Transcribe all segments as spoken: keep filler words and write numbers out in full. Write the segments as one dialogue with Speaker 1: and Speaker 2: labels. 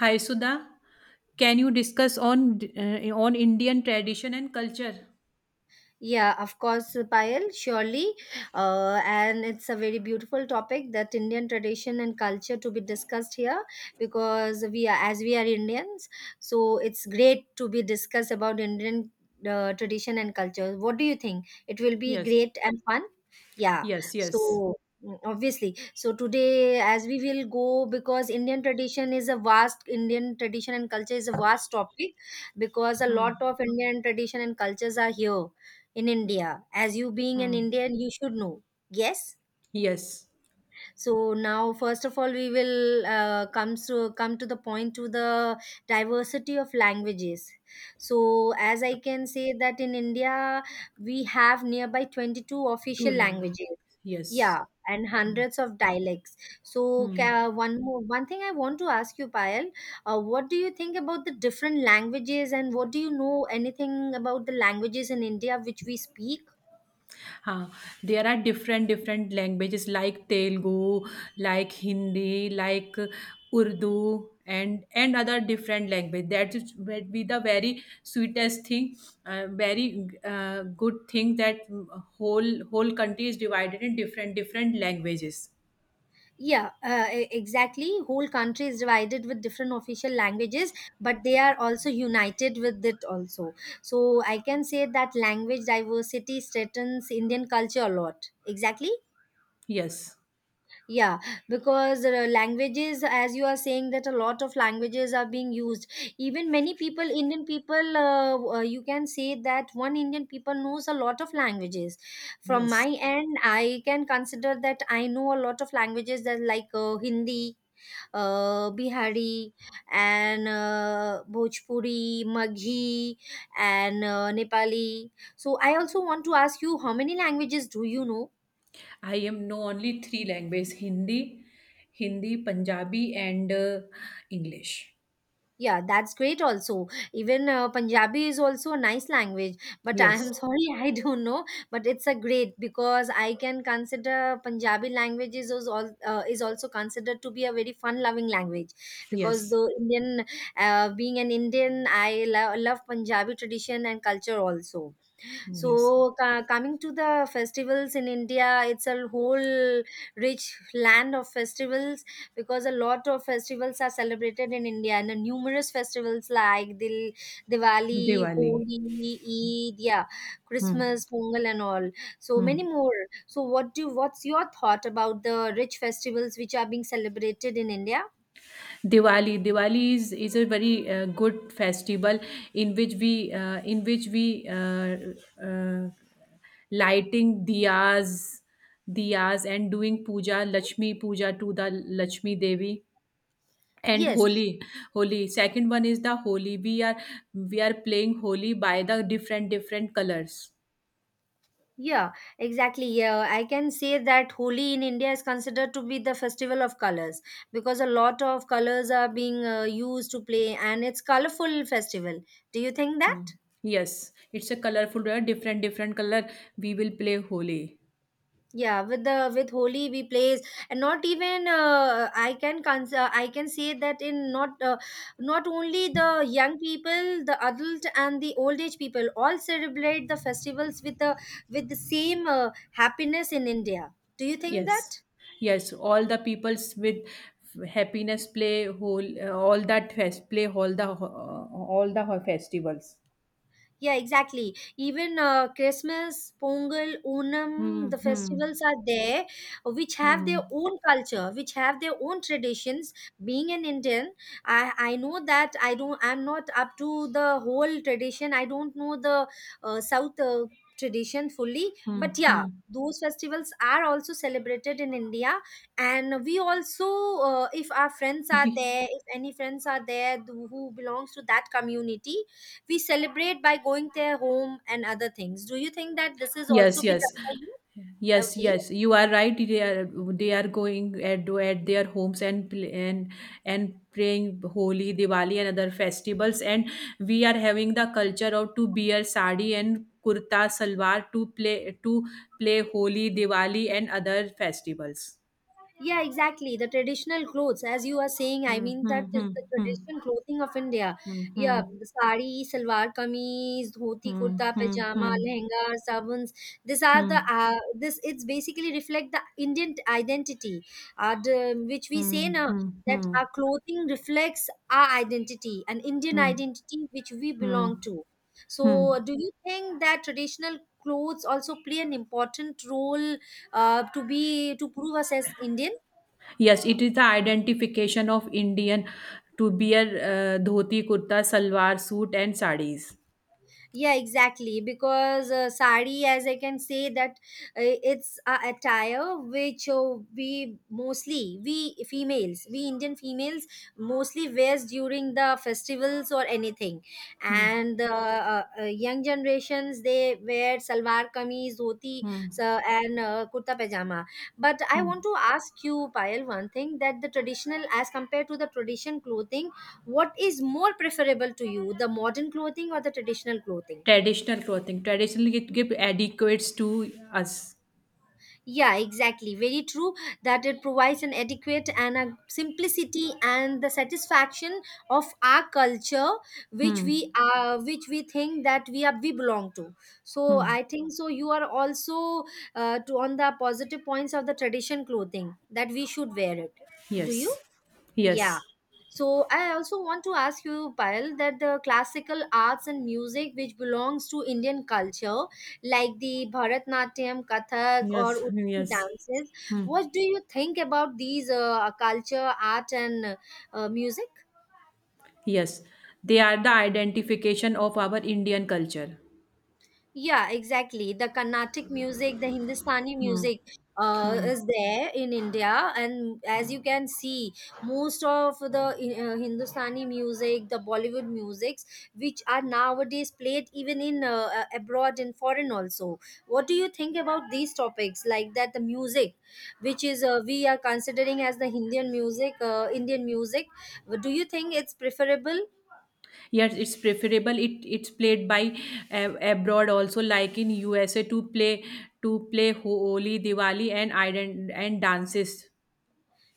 Speaker 1: Hi Sudha, can you discuss on uh, on Indian tradition and culture?
Speaker 2: Yeah, of course, Payal, surely. Uh, and it's a very beautiful topic that Indian tradition and culture to be discussed here because we are, as we are Indians, so it's great to be discussed about Indian uh, tradition and culture. What do you think? It will be
Speaker 1: Yes,
Speaker 2: great and fun. Yeah,
Speaker 1: yes, yes.
Speaker 2: so mm, obviously so today as we will go because Indian tradition is a vast, Indian tradition and culture is a vast topic because a
Speaker 1: Hmm.
Speaker 2: lot of Indian tradition and cultures are here in India. As you being an
Speaker 1: Hmm.
Speaker 2: Indian, you should know. Yes.
Speaker 1: Yes,
Speaker 2: So now, first of all, we will uh, come to come to the point, to the diversity of languages. So as I can say that in India, we have nearby twenty two
Speaker 1: two
Speaker 2: official
Speaker 1: languages.
Speaker 2: languages.
Speaker 1: Yes.
Speaker 2: Yeah, and hundreds of dialects. So
Speaker 1: Hmm.
Speaker 2: ca- one more, one thing I want to ask you, Payal, uh, what do you think about the different languages, and what do you know, anything about the languages in India which we speak?
Speaker 1: Huh. There are different different languages like Telugu, like Hindi, like Urdu, and and other different language. That is would be the very sweetest thing, uh, very uh, good thing that whole whole country is divided in different different languages.
Speaker 2: Yeah, uh, e- exactly. Whole country is divided with different official languages, but they are also united with it also. So I can say that language diversity threatens Indian culture a lot. Exactly,
Speaker 1: Yes,
Speaker 2: yeah, because uh, languages, as you are saying that a lot of languages are being used, even many people, Indian people, uh, uh, you can say that one Indian people knows a lot of languages. From my
Speaker 1: yes.
Speaker 2: end I can consider that I know a lot of languages, that like uh, Hindi, uh, Bihari, and uh, Bhojpuri, Maghi, and uh, Nepali. So, I also want to ask you, how many languages do you know?
Speaker 1: I am know only three languages: Hindi, Hindi, Punjabi, and uh, English.
Speaker 2: Yeah, that's great also. Even uh, Punjabi is also a nice language, but I am
Speaker 1: Yes,
Speaker 2: sorry, I don't know, but it's a great, because I can consider Punjabi language is also, uh, is also considered to be a very fun loving language, because
Speaker 1: yes,
Speaker 2: the Indian uh, being an Indian I lo- love Punjabi tradition and culture also.
Speaker 1: yes.
Speaker 2: So, ca- coming to the festivals in India, it's a whole rich land of festivals because a lot of festivals are celebrated in India, and the numerous festivals like Dil, Diwali,
Speaker 1: Diwali.
Speaker 2: Holi, Eid, yeah,
Speaker 1: Hmm,
Speaker 2: Christmas, Pongal, and all. So many
Speaker 1: hmm.
Speaker 2: more. So, what do what's your thought about the rich festivals which are being celebrated in India?
Speaker 1: Diwali. Diwali is is a very uh, good festival in which we uh, in which we uh, uh, lighting diyas, diyas and doing puja, Lakshmi puja to the Lakshmi Devi. And
Speaker 2: Yes.
Speaker 1: holi holi second one is the holi we are we are playing holi by the different different colors.
Speaker 2: Yeah, exactly. Yeah, I can say that Holi in India is considered to be the festival of colors because a lot of colors are being uh, used to play, and it's colorful festival. Do you think that?
Speaker 1: Hmm. Yes, it's a colorful uh, different different color we will play holi.
Speaker 2: Yeah, with the with Holi we plays, and not even uh, I can cons- uh, I can say that in not uh, not only the young people, the adult and the old age people all celebrate the festivals with the with the same uh, happiness in India. Do you think
Speaker 1: Yes,
Speaker 2: that?
Speaker 1: yes, all the peoples with happiness play whole uh, all that fest play all the ho- uh, all the ho- festivals.
Speaker 2: Yeah, exactly. Even uh, Christmas, Pongal, Onam,
Speaker 1: Hmm.
Speaker 2: the
Speaker 1: Hmm.
Speaker 2: festivals are there, which have their
Speaker 1: Hmm.
Speaker 2: own culture, which have their own traditions. Being an Indian, I, I know that I don't. I'm not up to the whole tradition. I don't know the uh, South uh, tradition fully,
Speaker 1: Hmm.
Speaker 2: but yeah.
Speaker 1: Hmm.
Speaker 2: Those festivals are also celebrated in India, and we also, uh, if our friends are
Speaker 1: We
Speaker 2: there, if any friends are there th- who belongs to that community, we celebrate by going their home and other things. Do you think that this is also
Speaker 1: yes,
Speaker 2: been
Speaker 1: yes.
Speaker 2: done by you?
Speaker 1: Yes,
Speaker 2: Okay.
Speaker 1: yes, you are right. They are they are going at at their homes and pl- and and praying Holi, Diwali, and other festivals. And we are having the culture of to wear sari and kurta salwar to play to play Holi, Diwali, and other festivals.
Speaker 2: Yeah, exactly. The traditional clothes, as you are saying, I
Speaker 1: Hmm,
Speaker 2: mean that is
Speaker 1: hmm,
Speaker 2: the
Speaker 1: hmm,
Speaker 2: traditional clothing of India.
Speaker 1: hmm,
Speaker 2: Yeah,
Speaker 1: hmm,
Speaker 2: the sari, salwar kameez, dhoti, kurta,
Speaker 1: hmm, hmm,
Speaker 2: pajama,
Speaker 1: hmm,
Speaker 2: lehenga, sabuns. These are
Speaker 1: hmm,
Speaker 2: the uh, this. It's basically reflect the Indian identity, uh, the, which we
Speaker 1: hmm,
Speaker 2: say now
Speaker 1: hmm,
Speaker 2: that
Speaker 1: hmm,
Speaker 2: our clothing reflects our identity, an Indian
Speaker 1: hmm,
Speaker 2: identity which we belong
Speaker 1: hmm,
Speaker 2: to.
Speaker 1: hmm.
Speaker 2: So, do you think that traditional clothes also play an important role uh, to be to prove us as Indian?
Speaker 1: Yes, it is the identification of Indian to wear uh, dhoti, kurta, salwar suit, and sarees.
Speaker 2: Yeah, exactly. Because uh, sari, as I can say, that uh, it's a attire which uh, we mostly we females, we Indian females mostly wears during the festivals or anything,
Speaker 1: Hmm.
Speaker 2: and the uh, uh, young generations they wear salwar kameez, dhoti,
Speaker 1: Hmm.
Speaker 2: so, and uh, kurta pajama. But I
Speaker 1: Hmm.
Speaker 2: want to ask you, Payal, one thing, that the traditional, as compared to the tradition clothing, what is more preferable to you, the modern clothing or the traditional clothing?
Speaker 1: Traditional clothing. Traditionally, it give adequates to us.
Speaker 2: Yeah, exactly, very true, that it provides an adequate and a simplicity and the satisfaction of our culture which
Speaker 1: Hmm.
Speaker 2: we are, which we think that we are, we belong to. So
Speaker 1: Hmm.
Speaker 2: I think so you are also uh, to on the positive points of the tradition clothing, that we should wear it. Do you?
Speaker 1: Yes.
Speaker 2: Yeah.
Speaker 1: Yes.
Speaker 2: So I also want to ask you, Payal, that the classical arts and music which belongs to Indian culture, like the Bharatnatyam, Kathak, or
Speaker 1: Yes.
Speaker 2: Odissi
Speaker 1: Yes.
Speaker 2: dances,
Speaker 1: Hmm.
Speaker 2: what do you think about these uh, culture, art, and uh, music?
Speaker 1: Yes. They are the identification of our Indian culture.
Speaker 2: Yeah, exactly. The Carnatic music, the Hindustani
Speaker 1: Hmm.
Speaker 2: music uh,
Speaker 1: Hmm.
Speaker 2: is there in India. And as you can see, most of the uh, Hindustani music, the Bollywood musics, which are nowadays played even in uh, uh, abroad and foreign also. What do you think about these topics? Like that, the music, which is uh, we are considering as the Indian music, uh, Indian music. Do you think it's preferable?
Speaker 1: Yes, it's preferable. It it's played by uh, abroad also, like in U S A, to play to play Holi, Diwali, and ident- and dances.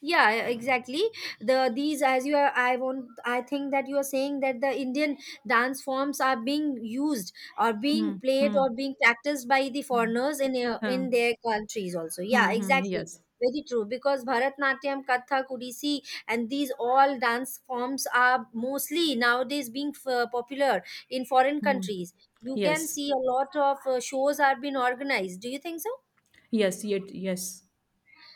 Speaker 2: yeah yeah, exactly, the these, as you are, I want, I think that you are saying that the Indian dance forms are being used or
Speaker 1: Hmm,
Speaker 2: being played
Speaker 1: hmm,
Speaker 2: or being practiced by the
Speaker 1: hmm,
Speaker 2: foreigners in uh,
Speaker 1: hmm,
Speaker 2: in their countries also. Yeah,
Speaker 1: hmm, hmm,
Speaker 2: exactly,
Speaker 1: yes.
Speaker 2: very true, because Bharatnatyam, Kathak, Odissi and these all dance forms are mostly nowadays being f- uh, popular in foreign
Speaker 1: Hmm.
Speaker 2: countries. You can
Speaker 1: Yes.
Speaker 2: see a lot of uh, shows are being organized. Do you think so?
Speaker 1: Yes. Yet. Yes.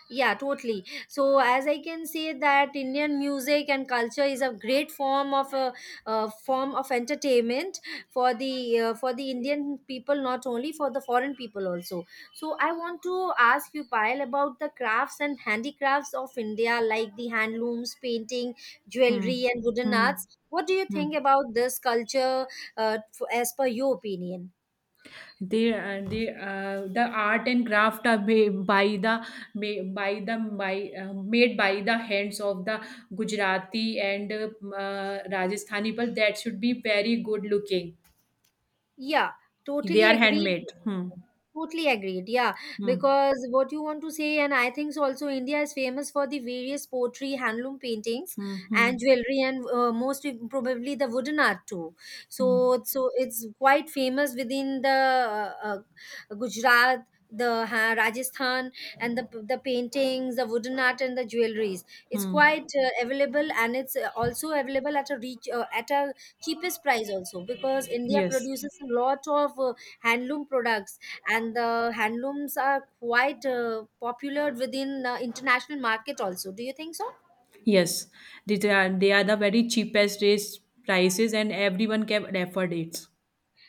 Speaker 2: Yeah, totally. So, as I can say that Indian music and culture is a great form of uh, uh, form of entertainment for the uh, for the Indian people, not only for the foreign people also. So, I want to ask you, Payal, about the crafts and handicrafts of India, like the handlooms, painting,
Speaker 1: Hmm.
Speaker 2: jewelry, and wooden
Speaker 1: Hmm.
Speaker 2: arts. What do you
Speaker 1: Hmm.
Speaker 2: think about this culture, uh, f- as per your opinion?
Speaker 1: they uh, they uh, the art and craft are made by the made by the by uh, made by the hands of the Gujarati and uh, Rajasthani people that should be very good looking.
Speaker 2: Yeah,
Speaker 1: They
Speaker 2: totally
Speaker 1: are
Speaker 2: agreed.
Speaker 1: handmade. Hmm.
Speaker 2: Totally agreed. Yeah,
Speaker 1: Hmm.
Speaker 2: because what you want to say, and I think so also India is famous for the various pottery, handloom paintings,
Speaker 1: Hmm.
Speaker 2: and
Speaker 1: Hmm.
Speaker 2: jewelry, and uh, most im- probably the wooden art too.
Speaker 1: Hmm.
Speaker 2: So, so it's quite famous within the uh, uh, Gujarat, the uh, Rajasthan, and the the paintings, the wooden art, and the jewelries. It's
Speaker 1: Hmm.
Speaker 2: quite uh, available, and it's uh, also available at a reach uh, at a cheapest price also, because India
Speaker 1: Yes,
Speaker 2: produces a lot of uh, handloom products, and the handlooms are quite uh, popular within the international market also. Do you think so?
Speaker 1: yes, these are they are the very cheapest rates prices, and everyone can afford it.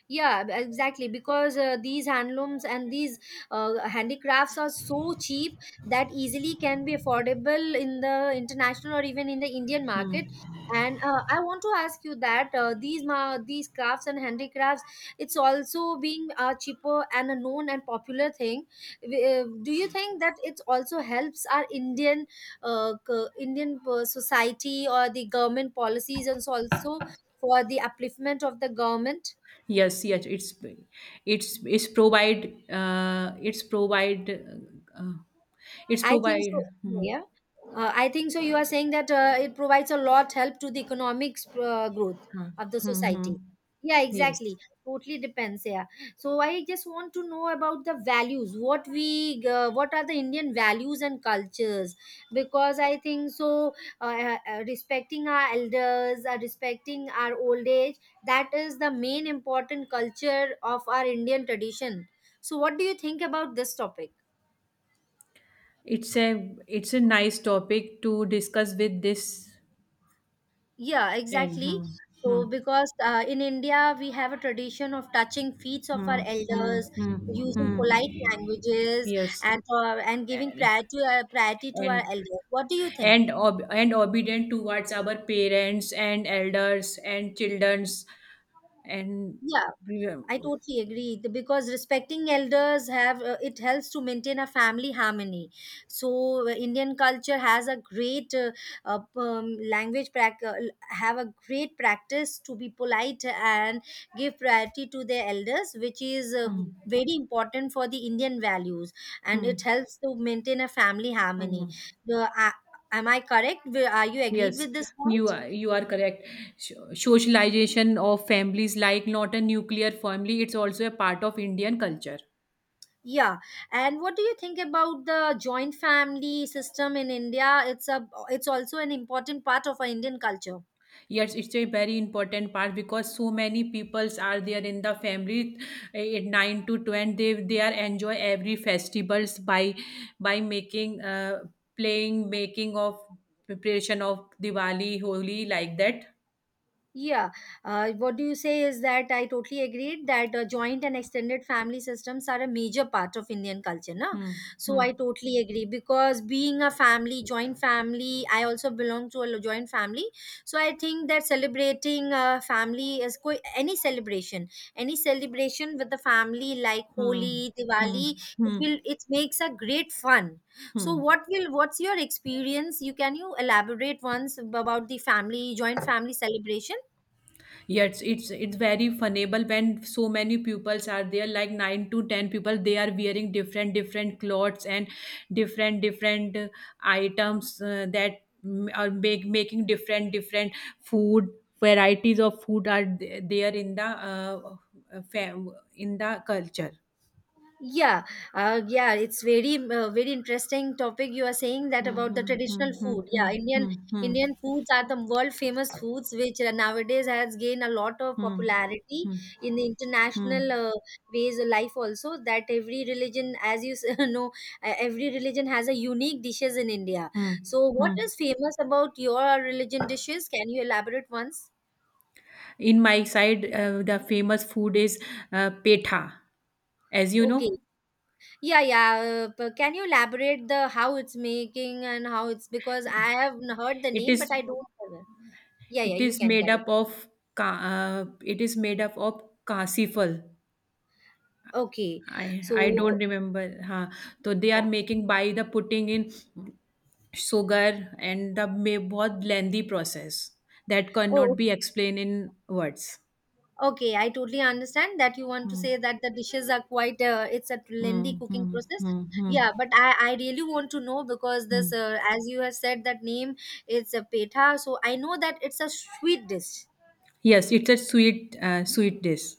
Speaker 2: Yeah, b- exactly, because uh, these handlooms and these uh, handicrafts are so cheap that easily can be affordable in the international or even in the Indian market.
Speaker 1: Hmm.
Speaker 2: And uh, I want to ask you that uh, these ma- these crafts and handicrafts, it's also being a cheaper and a known and popular thing. W- uh, do you think that it also helps our Indian uh, c- Indian uh, society or the government policies and so also for the upliftment of the government?
Speaker 1: Yes, yes, it's it's it's provide uh, it's provide uh, it's
Speaker 2: I think
Speaker 1: provide
Speaker 2: so.
Speaker 1: hmm,
Speaker 2: Yeah. Uh, I think so. You are saying that uh, it provides a lot help to the economic uh, growth
Speaker 1: huh,
Speaker 2: of the
Speaker 1: hmm, hmm.
Speaker 2: society. Yeah, exactly.
Speaker 1: Yes.
Speaker 2: Totally depends. Yeah. So I just want to know about the values. What we, uh, what are the Indian values and cultures? Because I think so. Uh, uh, respecting our elders, uh, respecting our old age. That is the main important culture of our Indian tradition. So, what do you think about this topic?
Speaker 1: It's a it's a nice topic to discuss with this
Speaker 2: Yeah,
Speaker 1: and
Speaker 2: exactly.
Speaker 1: hmm, hmm,
Speaker 2: So, because uh, in India, we have a tradition of touching feet of our
Speaker 1: hmm, hmm,
Speaker 2: elders,
Speaker 1: hmm,
Speaker 2: using
Speaker 1: hmm.
Speaker 2: polite languages,
Speaker 1: Yes
Speaker 2: and uh, and giving
Speaker 1: and
Speaker 2: priority, uh, priority to our
Speaker 1: and
Speaker 2: elders. What do you think?
Speaker 1: and, ob- and obedient towards our parents and elders and childrens and
Speaker 2: Yeah.
Speaker 1: we,
Speaker 2: I totally agree th- because respecting elders have uh, it helps to maintain a family harmony. So uh, Indian culture has a great uh, uh, um, language prac- uh, have a great practice to be polite and give priority to their elders, which is uh,
Speaker 1: hmm,
Speaker 2: very important for the Indian values, and
Speaker 1: hmm,
Speaker 2: it helps to maintain a family harmony.
Speaker 1: hmm.
Speaker 2: The, uh, am I correct? Wi- Are you agreed
Speaker 1: Yes,
Speaker 2: with this
Speaker 1: you
Speaker 2: point?
Speaker 1: are you are correct. So- Socialization of families like not a nuclear family, it's also a part of Indian culture.
Speaker 2: Yeah, and what do you think about the joint family system in India? It's a it's also an important part of our Indian culture.
Speaker 1: Yes, it's a very important part because so many peoples are there in the family eh, at nine to ten. They they are enjoy every festivals by by making uh, playing making of preparation of Diwali, Holi like that.
Speaker 2: Yeah, uh, what do you say is that I totally agreed that uh, joint and extended family systems are a major part of Indian culture, na?
Speaker 1: Hmm.
Speaker 2: So
Speaker 1: Hmm.
Speaker 2: I totally agree because being a family, joint family, I also belong to a joint family. So I think that celebrating a family is co- any celebration, any celebration with the family like
Speaker 1: Hmm.
Speaker 2: Holi,
Speaker 1: Hmm.
Speaker 2: Diwali, it
Speaker 1: Hmm.
Speaker 2: will it makes a great fun.
Speaker 1: Hmm.
Speaker 2: So what will what's your experience? You can you elaborate once about the family joint family celebration?
Speaker 1: Yes, it's it's very funnable when so many pupils are there, like nine to ten people. They are wearing different different clothes and different different uh, items uh, that mm, are make, making different different food varieties of food are th- there in the uh, uh, fam- in the culture.
Speaker 2: Yeah, uh, yeah, it's very uh, very interesting topic you are saying that
Speaker 1: Hmm,
Speaker 2: about the
Speaker 1: hmm,
Speaker 2: traditional
Speaker 1: hmm,
Speaker 2: food.
Speaker 1: hmm,
Speaker 2: Yeah, Indian
Speaker 1: hmm, hmm,
Speaker 2: Indian foods are the world famous foods which uh, nowadays has gained a lot of
Speaker 1: hmm,
Speaker 2: popularity
Speaker 1: hmm,
Speaker 2: in the
Speaker 1: hmm,
Speaker 2: international
Speaker 1: hmm,
Speaker 2: uh, ways of life also, that every religion, as you s- know uh, every religion has a unique dishes in India.
Speaker 1: hmm,
Speaker 2: So what
Speaker 1: hmm.
Speaker 2: is famous about your religion dishes? Can you elaborate once?
Speaker 1: In my side, uh, the famous food is uh, petha. As you know
Speaker 2: Okay. Yeah, yeah. Uh, p- can you elaborate the how it's making and how it's, because I have n- heard the
Speaker 1: it
Speaker 2: name, but
Speaker 1: is
Speaker 2: I don't. Have it. Yeah, yeah.
Speaker 1: it
Speaker 2: You
Speaker 1: is
Speaker 2: can
Speaker 1: made
Speaker 2: cut it.
Speaker 1: up of ka- uh, it is made up of kasifal.
Speaker 2: Okay.
Speaker 1: I i
Speaker 2: So,
Speaker 1: don't remember huh. So they are
Speaker 2: oh,
Speaker 1: making by the putting in sugar and the may bahut lengthy process that
Speaker 2: oh,
Speaker 1: cannot be explained in words.
Speaker 2: okay. I totally understand that you want to
Speaker 1: Hmm.
Speaker 2: say that the dishes are quite. Uh, it's a
Speaker 1: Hmm,
Speaker 2: lengthy cooking
Speaker 1: hmm,
Speaker 2: process.
Speaker 1: hmm, hmm,
Speaker 2: Yeah, but I I really want to know because this,
Speaker 1: hmm.
Speaker 2: uh, as you have said, that name, it's a petha. So I know that it's a sweet dish.
Speaker 1: Yes, it's a sweet, uh, sweet dish.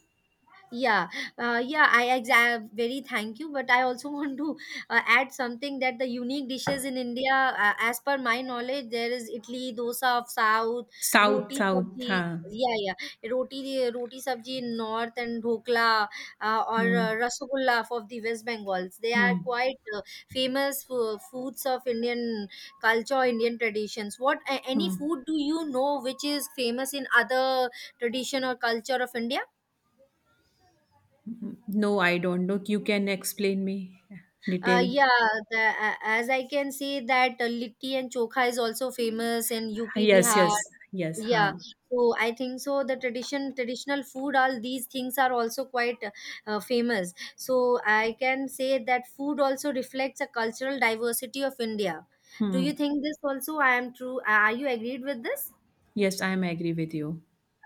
Speaker 2: Yeah, uh, yeah, I exa- very thank you, but I also want to uh, add something, that the unique dishes in India, uh, as per my knowledge, there is idli, dosa of south,
Speaker 1: South,
Speaker 2: roti
Speaker 1: south.
Speaker 2: sabji.
Speaker 1: Huh.
Speaker 2: Yeah, yeah, roti, roti sabji in north, and dhokla uh, or uh,
Speaker 1: Hmm,
Speaker 2: rasagulla of the West Bengals. They are
Speaker 1: hmm,
Speaker 2: quite uh, famous uh, foods of Indian culture, Indian traditions. What a- any
Speaker 1: hmm.
Speaker 2: food do you know which is famous in other tradition or culture of India?
Speaker 1: No, I don't know. You can explain me
Speaker 2: Uh,
Speaker 1: detail.
Speaker 2: yeah, the, a- as I can see that uh, litti and chokha is also famous in U P,
Speaker 1: Yes,
Speaker 2: Bihar.
Speaker 1: yes, yes.
Speaker 2: Yeah,
Speaker 1: Huh.
Speaker 2: so I think so. The tradition, traditional food, all these things are also quite uh, famous. So I can say that food also reflects a cultural diversity of India. Do
Speaker 1: Hmm.
Speaker 2: you think this also? I am true. Are you agreed with this?
Speaker 1: Yes, I am agree with you.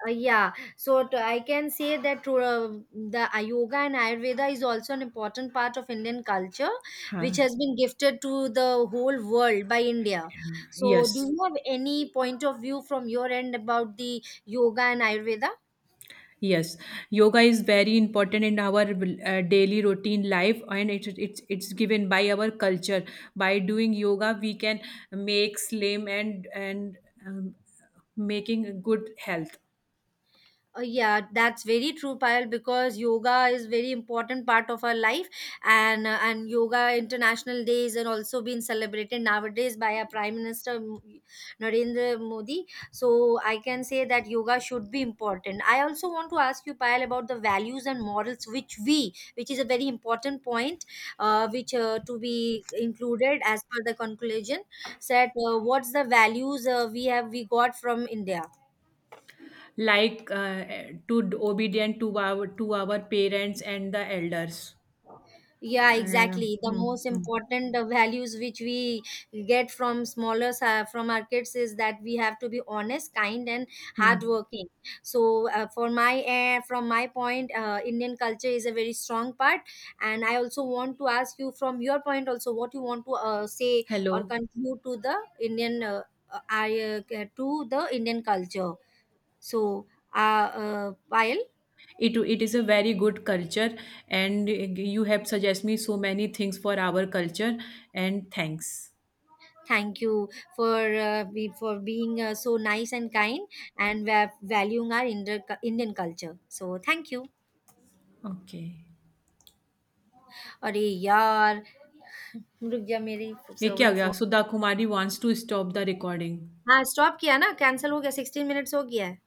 Speaker 2: Uh, yeah, so t- I can say that to, uh, the uh, yoga and Ayurveda is also an important part of Indian culture, which
Speaker 1: Huh.
Speaker 2: has been gifted to the whole world by India. So, do
Speaker 1: Yes,
Speaker 2: you have any point of view from your end about the yoga and Ayurveda?
Speaker 1: yes. Yoga is very important in our uh, daily routine life, and it, it's it's given by our culture. By doing yoga, we can make slim and and um, making good health.
Speaker 2: Uh, yeah, that's very true, Payal, because yoga is very important part of our life, and uh, and yoga international days and also being celebrated nowadays by our Prime Minister M- Narendra Modi. So I can say that yoga should be important. I also want to ask you, Payal, about the values and morals which we, which is a very important point, uh, which uh, to be included as per the conclusion. Said, uh, what's the values uh, we have we got from India?
Speaker 1: Like uh, to d- obedient to our to our parents and the elders.
Speaker 2: Yeah,
Speaker 1: Uh,
Speaker 2: exactly. The
Speaker 1: hmm,
Speaker 2: most
Speaker 1: hmm.
Speaker 2: important uh, values which we get from smaller uh, from our kids is that we have to be honest, kind, and
Speaker 1: Hmm.
Speaker 2: hardworking. So, uh, for my uh, from my point, uh, Indian culture is a very strong part. And I also want to ask you from your point also what you want to uh, say or
Speaker 1: Hello.
Speaker 2: conclude to the Indian uh, uh, I, uh, to the Indian culture. So, uh, uh, Payal.
Speaker 1: It it is a very good culture, and you have suggested me so many things for our culture. And thanks.
Speaker 2: Thank you for uh, be, for being uh, so nice and kind and va- valuing our Inder, Indian culture. So thank you.
Speaker 1: Okay.
Speaker 2: अरे यार रुक जा मेरी
Speaker 1: ये क्या हो
Speaker 2: servant
Speaker 1: गया?
Speaker 2: Phone.
Speaker 1: Sudha Kumari wants to stop the recording.
Speaker 2: हाँ स्टॉप किया ना, कैंसिल हो गया, सिक्सटीन मिनट्स हो गया है।